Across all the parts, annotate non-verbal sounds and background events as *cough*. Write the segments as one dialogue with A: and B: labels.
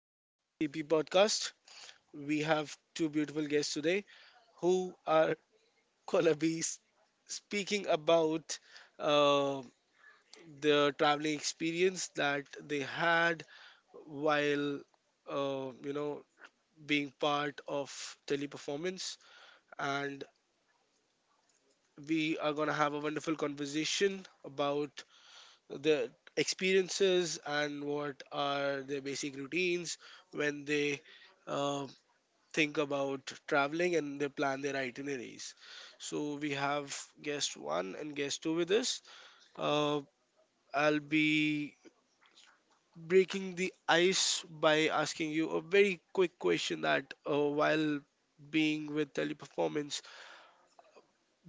A: Welcome to TP Podcast. We have two beautiful guests today who are *laughs* gonna be speaking about uh, the traveling experience that they had while uh, you know being part of teleperformance, and we are gonna have a wonderful conversation about the experiences and what are their basic routines when they. Um, think about traveling and they plan their itineraries. So we have guest one and guest two with us. Uh, I'll be breaking the ice by asking you a very quick question that while being with teleperformance,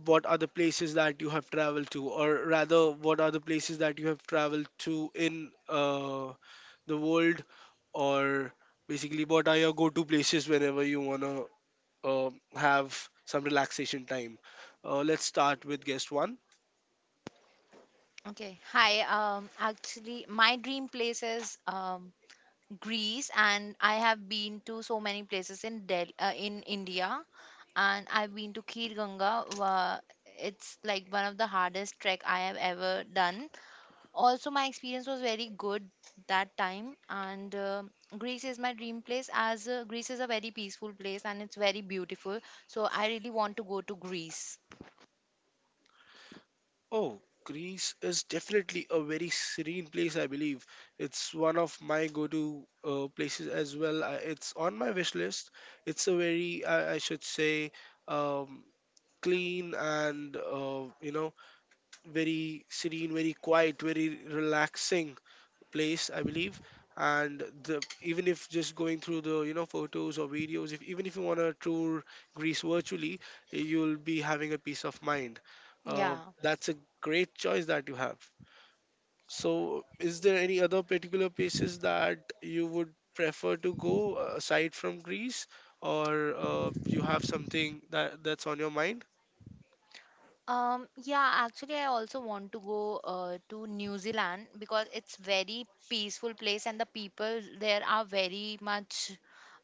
A: what are the places that you have traveled to, or rather what are the places that you have traveled to in the world, or basically what are your go-to places whenever you wanna have some relaxation time. Let's start with guest one.
B: Okay. Hi. Actually, my dream place is Greece, and I have been to so many places in Del in India, and I've been to Khir Ganga. Uh, it's like one of the hardest trek I have ever done. Also, my experience was very good that time, and Greece is my dream place as Greece is a very peaceful place and it's very beautiful. So I really want to go to Greece.
A: Oh, Greece is definitely a very serene place, I believe. It's one of my go to places as well. It's on my wish list. It's a very, I should say, um, clean and, very serene, very quiet, very relaxing place, I believe. And the even if just going through the, you know, photos or videos, if even if you want to tour Greece virtually, you'll be having a peace of mind. uh,
B: Yeah.
A: that's a great choice that you have. So is there any other particular places that you would prefer to go, aside from Greece, or you have something that that's on your mind?
B: Yeah, actually, I also want to go to New Zealand because it's very peaceful place and the people there are very much,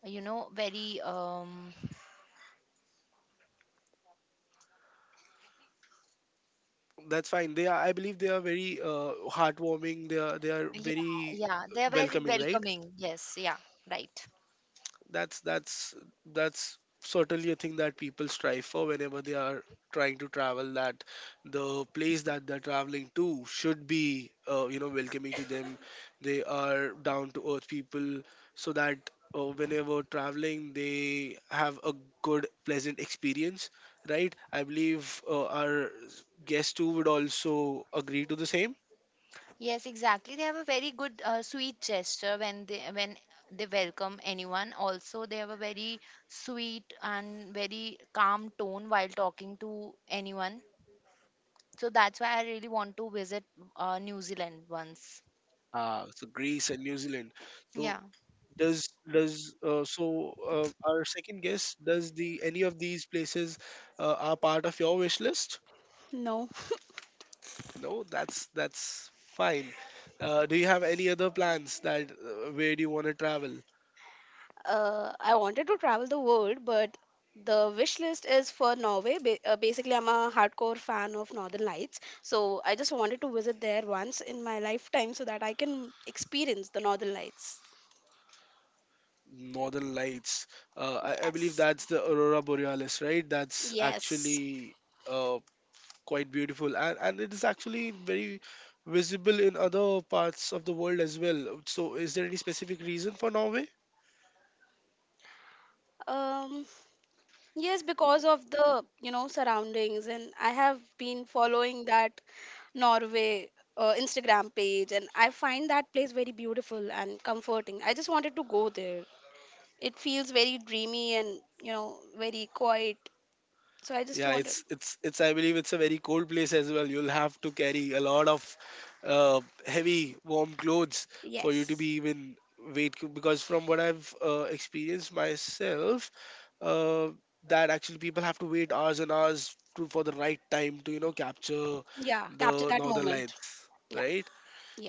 B: you know, very
A: That's fine. They are, I believe they are very heartwarming. They are
B: yeah,
A: very
B: yeah, they are very
A: welcoming, right?
B: welcoming. Yes, yeah, right.
A: That's that's certainly a thing that people strive for whenever they are trying to travel, that the place that they're traveling to should be, welcoming to them. They are down to earth people, so that whenever traveling they have a good pleasant experience, right? I believe our guests too would also agree to the same.
B: Yes, exactly. They have a very good sweet gesture when they welcome anyone. Also, they have a very sweet and very calm tone while talking to anyone. So that's why I really want to visit New Zealand once.
A: Ah, so Greece and New Zealand. So
B: Yeah,
A: does so our second guess, does the any of these places are part of your wish list?
C: No,
A: No, that's fine. Uh, do you have any other plans that, where do you want to travel?
C: I wanted to travel the world, but the wish list is for Norway. Basically, I'm a hardcore fan of Northern Lights, so I just wanted to visit there once in my lifetime so that I can experience the Northern Lights.
A: Northern lights. I believe
C: Yes,
A: that's the aurora borealis, right? That's
C: yes,
A: actually uh, quite beautiful, and it is actually very visible in other parts of the world as well. So is there any specific reason for Norway?
C: um, yes, because of the surroundings, and I have been following that Norway. Instagram page, and I find that place very beautiful and comforting. I just wanted to go there. It feels very dreamy and, very quiet. So I just
A: Yeah,
C: wanted,
A: it's it's. I believe it's a very cold place as well. You'll have to carry a lot of uh, heavy, warm clothes for you to be
C: yes.
A: even Because from what I've experienced myself, uh, that actually people have to wait hours and hours to, for the right time to, you know, capture
C: Yeah, capture
A: the
C: that
A: northern
C: moment.
A: lights,
C: Yeah,
A: right?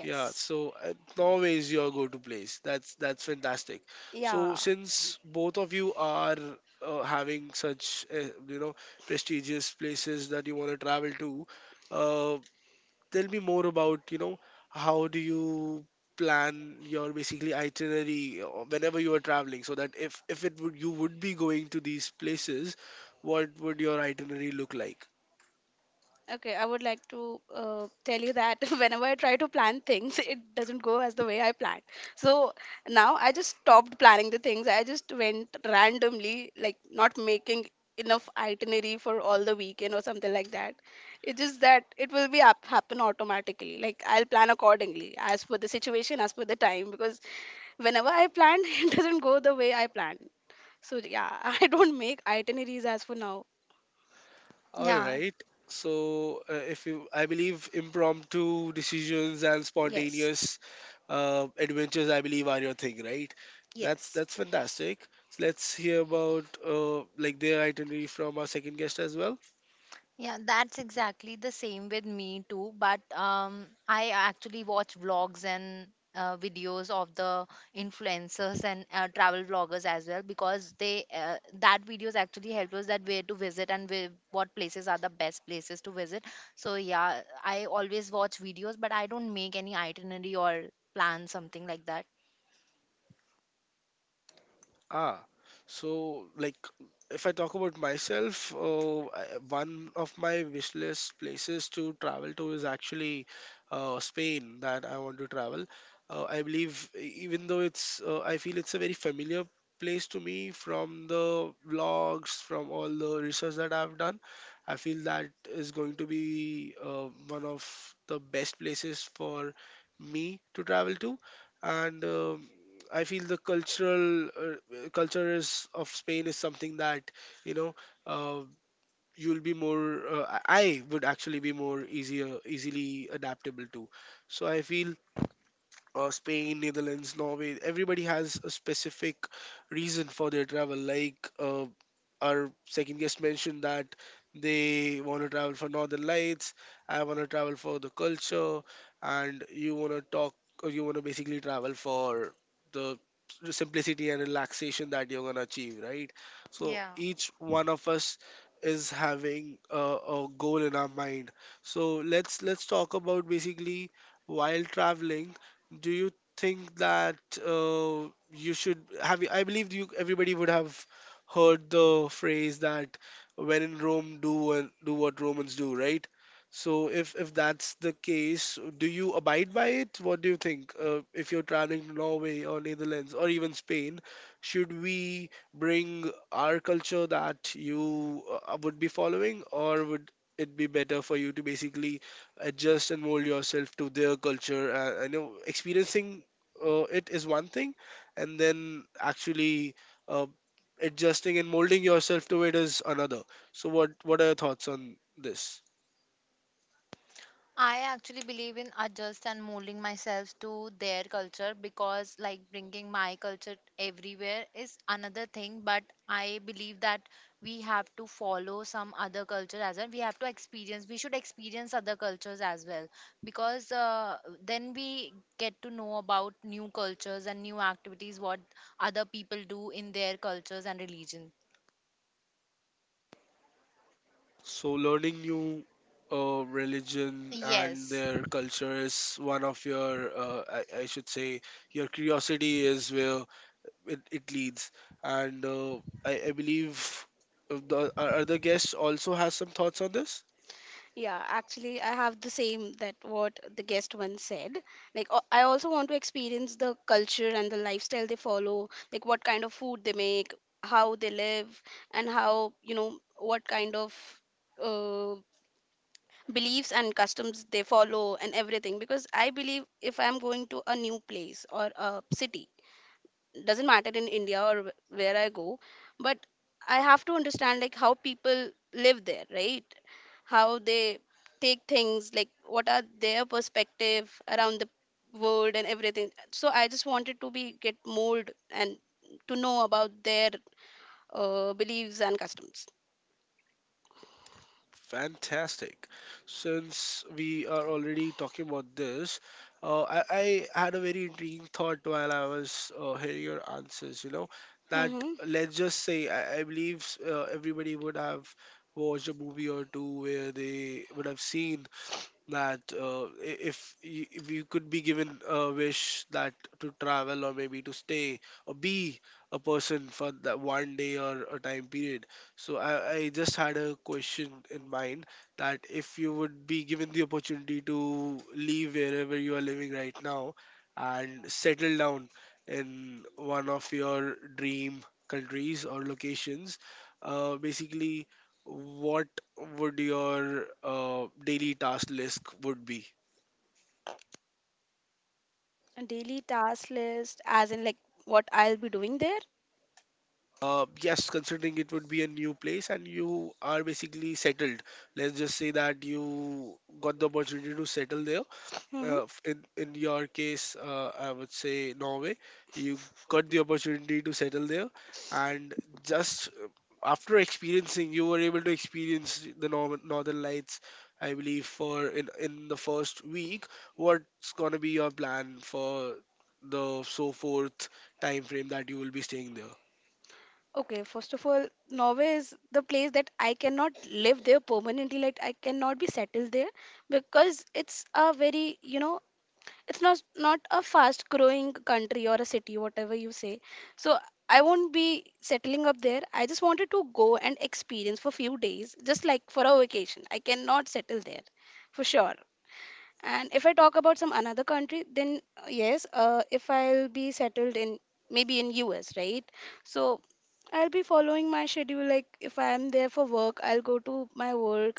A: Yeah, so Norway is your go-to place. That's fantastic. So
C: Yeah,
A: since both of you are having such, prestigious places that you want to travel to, uh, tell me more about, you know, how do you plan your basically itinerary, whenever you are traveling, so that if it would you would be going to these places, what would your itinerary look like?
C: okay, I would like to tell you that *laughs* whenever I try to plan things, it doesn't go as the way I planned. So now I just stopped planning the things. I just went randomly, like not making enough itinerary for all the weekend or something like that. It's just that it will be up, happen automatically. Like I'll plan accordingly as per the situation, as per the time. Because whenever I plan, *laughs* it doesn't go the way I plan. So yeah, *laughs* I don't make itineraries as for now.
A: All
B: yeah,
A: right. So, if you, I believe impromptu decisions and
C: Yes,
A: spontaneous adventures, I believe, are your thing, right? That's
C: yes.
A: that's fantastic. So let's hear about, like their itinerary from our second guest as well.
B: yeah. That's exactly the same with me too. But I actually watch vlogs and videos of the influencers and travel vloggers as well because they that videos actually help us that where to visit and where, what places are the best places to visit. So yeah, I always watch videos, but I don't make any itinerary or plan something like that.
A: Ah, so like if I talk about myself, one of my wish list places to travel to is actually Spain that I want to travel. I believe even though it's, I feel it's a very familiar place to me from the vlogs, from all the research that I've done, I feel that is going to be one of the best places for me to travel to. And um, I feel the cultural culture is of Spain is something that, you know, uh, you'll be more. I would actually be more easier, easily adaptable to. So I feel Spain, Netherlands, Norway, everybody has a specific reason for their travel. Like, our second guest mentioned that they want to travel for Northern Lights, I want to travel for the culture, and you want to talk, or you want to basically travel for the simplicity and relaxation that you're going to achieve, right? So
B: Yeah.
A: each one of us is having a goal in our mind. So let's talk about basically while traveling, do you think that uh, you should have, you, I believe you, everybody would have heard the phrase that when in Rome do do what Romans do, right? So if that's the case, do you abide by it? What do you think? If you're traveling to Norway or Netherlands or even Spain, should we bring our culture that you would be following, or would it be better for you to basically adjust and mold yourself to their culture. I know experiencing it is one thing, and then actually uh, adjusting and molding yourself to it is another. So, what are your thoughts on this?
B: I actually believe in adjust and molding myself to their culture, because like bringing my culture everywhere is another thing, but I believe that we have to follow some other culture as well. We have to experience, we should experience other cultures as well, because then we get to know about new cultures and new activities, what other people do in their cultures and religion.
A: So, learning new religion and
B: Yes.
A: their culture is one of your, I should say, your curiosity is where it leads. And I believe the our other guest also has some thoughts on this.
C: Yeah, actually, I have the same that what the guest once said. Like, I also want to experience the culture and the lifestyle they follow, like what kind of food they make, how they live, and how, what kind of uh, beliefs and customs they follow, and everything. Because I believe if I'm going to a new place or a city, doesn't matter in India or where I go, but I have to understand, like, how people live there, right? How they take things, like what are their perspective around the world and everything. So I just wanted to be get mold and to know about their beliefs and customs.
A: Fantastic. Since we are already talking about this, I had a very intriguing thought while I was hearing your answers. You know, that
C: Mm-hmm.
A: let's just say I believe everybody would have watched a movie or two where they would have seen that if you could be given a wish that to travel or maybe to stay or be a person for that one day or a time period. So I just had a question in mind that if you would be given the opportunity to leave wherever you are living right now and settle down in one of your dream countries or locations, basically what would your daily task list would be?
C: A daily task list as in like what I'll be doing there.
A: Yes, considering it would be a new place and you are basically settled. Let's just say that you got the opportunity to settle there.
C: Mm-hmm.
A: Uh, in your case, I would say Norway, you got the opportunity to settle there, and just after experiencing, you were able to experience the northern lights. I believe for in the first week, what's gonna be your plan for the so forth time frame that you will be staying there?
C: Okay, first of all, Norway is the place that I cannot live there permanently. Like I cannot be settled there because it's a very, you know, it's not a fast growing country or a city, whatever you say. So I won't be settling up there. I just wanted to go and experience for few days, just like for a vacation. I cannot settle there, for sure. And if I talk about some another country, then yes, if I'll be settled in maybe in US, right? So I'll be following my schedule. Like if I am there for work, I'll go to my work.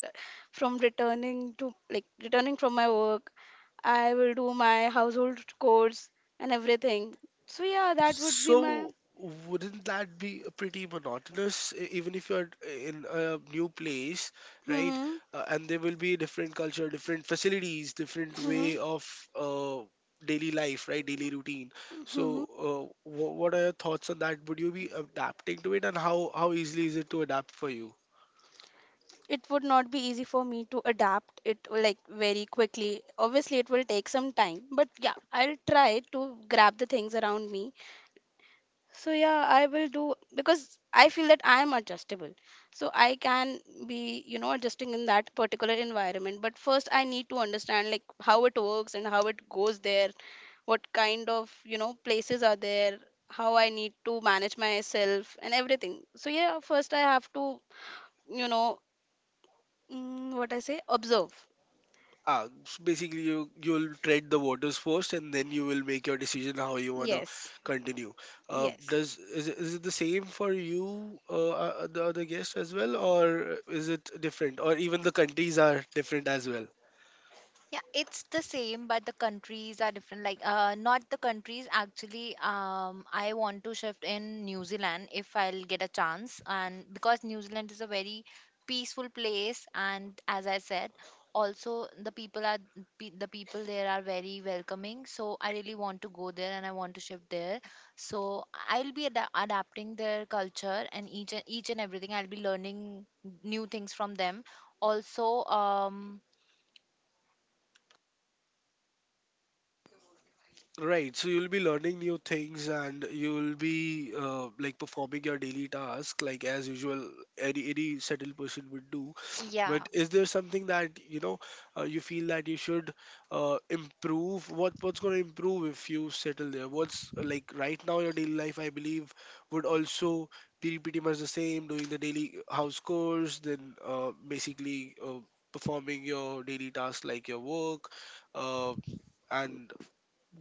C: From returning to, like, returning from my work, I will do my household chores and everything. So yeah, that would be my.
A: So wouldn't that be pretty monotonous, even if you're in a new place, right?
C: Hmm.
A: And there will be different culture, different facilities, different
C: Hmm.
A: way of uh, daily life, right? Daily routine. So,
C: Hmm.
A: what are your thoughts on that? Would you be adapting to it, and how easily is it to adapt for you?
C: It would not be easy for me to adapt it like very quickly, obviously it will take some time, but yeah, I'll try to grab the things around me. So yeah, I will do, because I feel that I am adjustable, so I can be, you know, adjusting in that particular environment. But first I need to understand, like, how it works and how it goes there, what kind of, you know, places are there, how I need to manage myself and everything. So yeah, first I have to, you know, mm, what I say? Observe.
A: Ah, so basically you you'll tread the waters first, and then you will make your decision how you wanna
C: Yes.
A: continue.
C: Yes.
A: Does is it the same for you, the other guests as well, or is it different, or even the countries are different as well?
B: Yeah, it's the same, but the countries are different. Like, not the countries. Actually, I want to shift in New Zealand if I'll get a chance, and because New Zealand is a very peaceful place, and as I said, also the people there are very welcoming. So I really want to go there, and I want to shift there. So I'll be adapting their culture and each and everything. I'll be learning new things from them. Also, um,
A: Right, so you'll be learning new things and you'll be, like performing your daily task like as usual, any settled person would do.
B: yeah.
A: But is there something that, you know, you feel that you should improve? What what's going to improve if you settle there? What's like right now your daily life, I believe, would also be pretty much the same, doing the daily house chores, then basically performing your daily tasks like your work, uh, and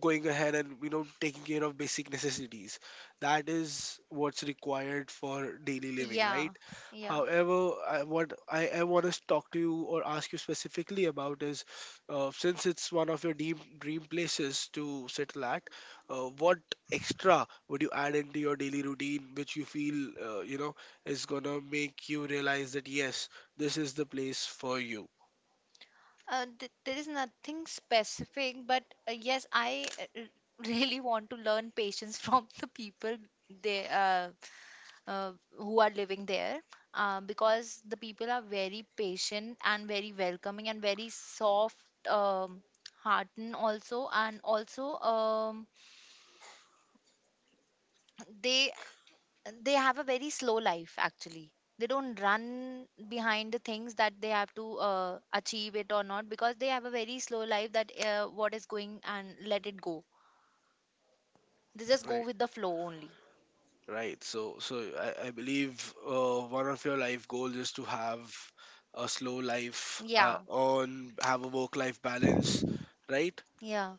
A: going ahead and, you know, taking care of basic necessities. That is what's required for daily living,
B: Yeah,
A: right?
B: yeah.
A: However I want to talk to you or ask you specifically about is, since it's one of your dream places to settle at, what extra would you add into your daily routine which you feel, is gonna make you realize that yes, this is the place for you,
B: There is nothing specific, but yes, I *laughs* really want to learn patience *laughs* from the people they who are living there, because the people are very patient and very welcoming and very soft um, hearted also, and also they they have a very slow life actually. They don't run behind the things that they have to achieve it or not, because they have a very slow life, that what is going and let it go. They just go
A: right?
B: with the flow only.
A: Right. So I believe one of your life goals is to have a slow life,
B: Yeah,
A: on have a work-life balance, right?
B: yeah,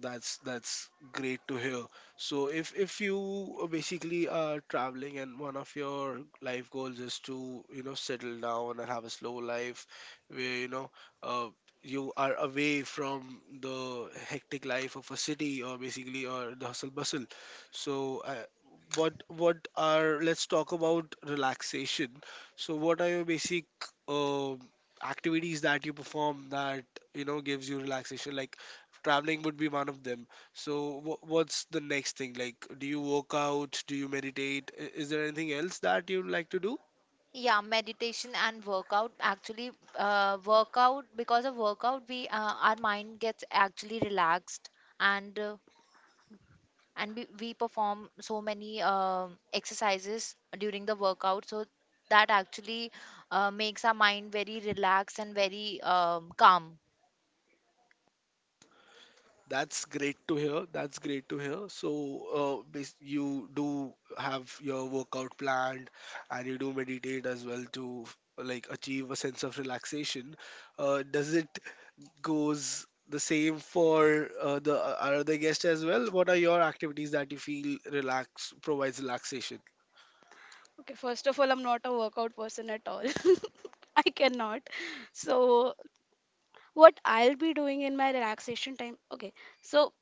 A: That's great to hear. So if you basically are traveling and one of your life goals is to, you know, settle down and have a slow life where, you know, uh, you are away from the hectic life of a city or basically or the hustle bustle. So what are, let's talk about relaxation. So what are your basic um activities that you perform that, you know, gives you relaxation? Like traveling would be one of them. So, what's the next thing? Like, do you work out? Do you meditate? Is there anything else that you'd like to do?
B: yeah. Meditation and workout actually. Workout, because of workout we our mind gets actually relaxed, and we perform so many exercises during the workout, so that actually makes our mind very relaxed and very calm.
A: That's great to hear. That's great to hear. So, you do have your workout planned and you do meditate as well to like achieve a sense of relaxation. Does it goes the same for the other guest as well? What are your activities that you feel relax provides relaxation?
C: Okay, first of all, I'm not a workout person at all. *laughs* I cannot. So, what I'll be doing in my relaxation time? Okay. So,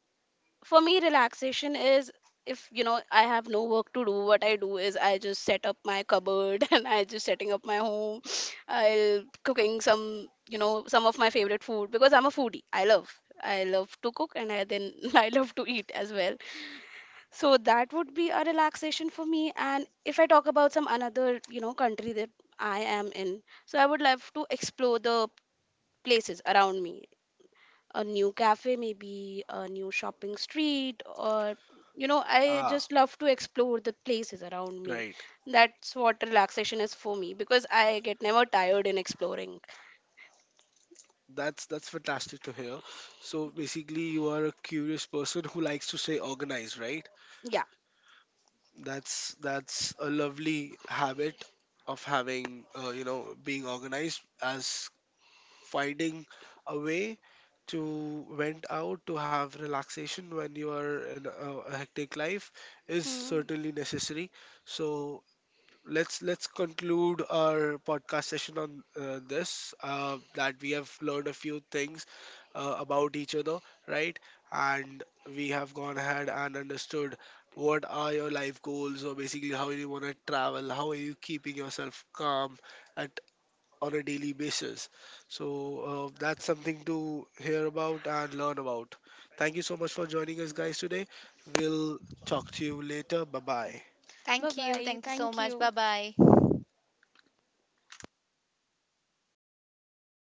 C: for me, relaxation is if you know I have no work to do, what I do is I just set up my cupboard *laughs* and I just setting up my home. I'll cooking some, you know, some of my favorite food because I'm a foodie. I love. I love to cook and I then *laughs* I love to eat as well. So that would be a relaxation for me. And if I talk about some another, you know, country that I am in, so I would love to explore the places around me. A new cafe, maybe a new shopping street, or you know, I
A: Ah,
C: just love to explore the places around me.
A: right.
C: That's what relaxation is for me because I get never tired in exploring.
A: That's fantastic to hear. So basically, you are a curious person who likes to stay organized, right?
C: Yeah.
A: That's a lovely habit of having, being organized, as finding a way to vent out to have relaxation when you are in a hectic life is
C: Bye
A: certainly necessary. So let's conclude our podcast session on, this, that we have learned a few things about each other, right? And we have gone ahead and understood what are your life goals or basically how you want to travel, how are you keeping yourself calm at, on a daily basis. So that's something to hear about and learn about. Thank you so much for joining us guys today. We'll talk to you later. Bye bye.
B: Thank you.
C: bye.
B: Thank you so
C: Thank
B: much.
C: you.
B: Bye bye.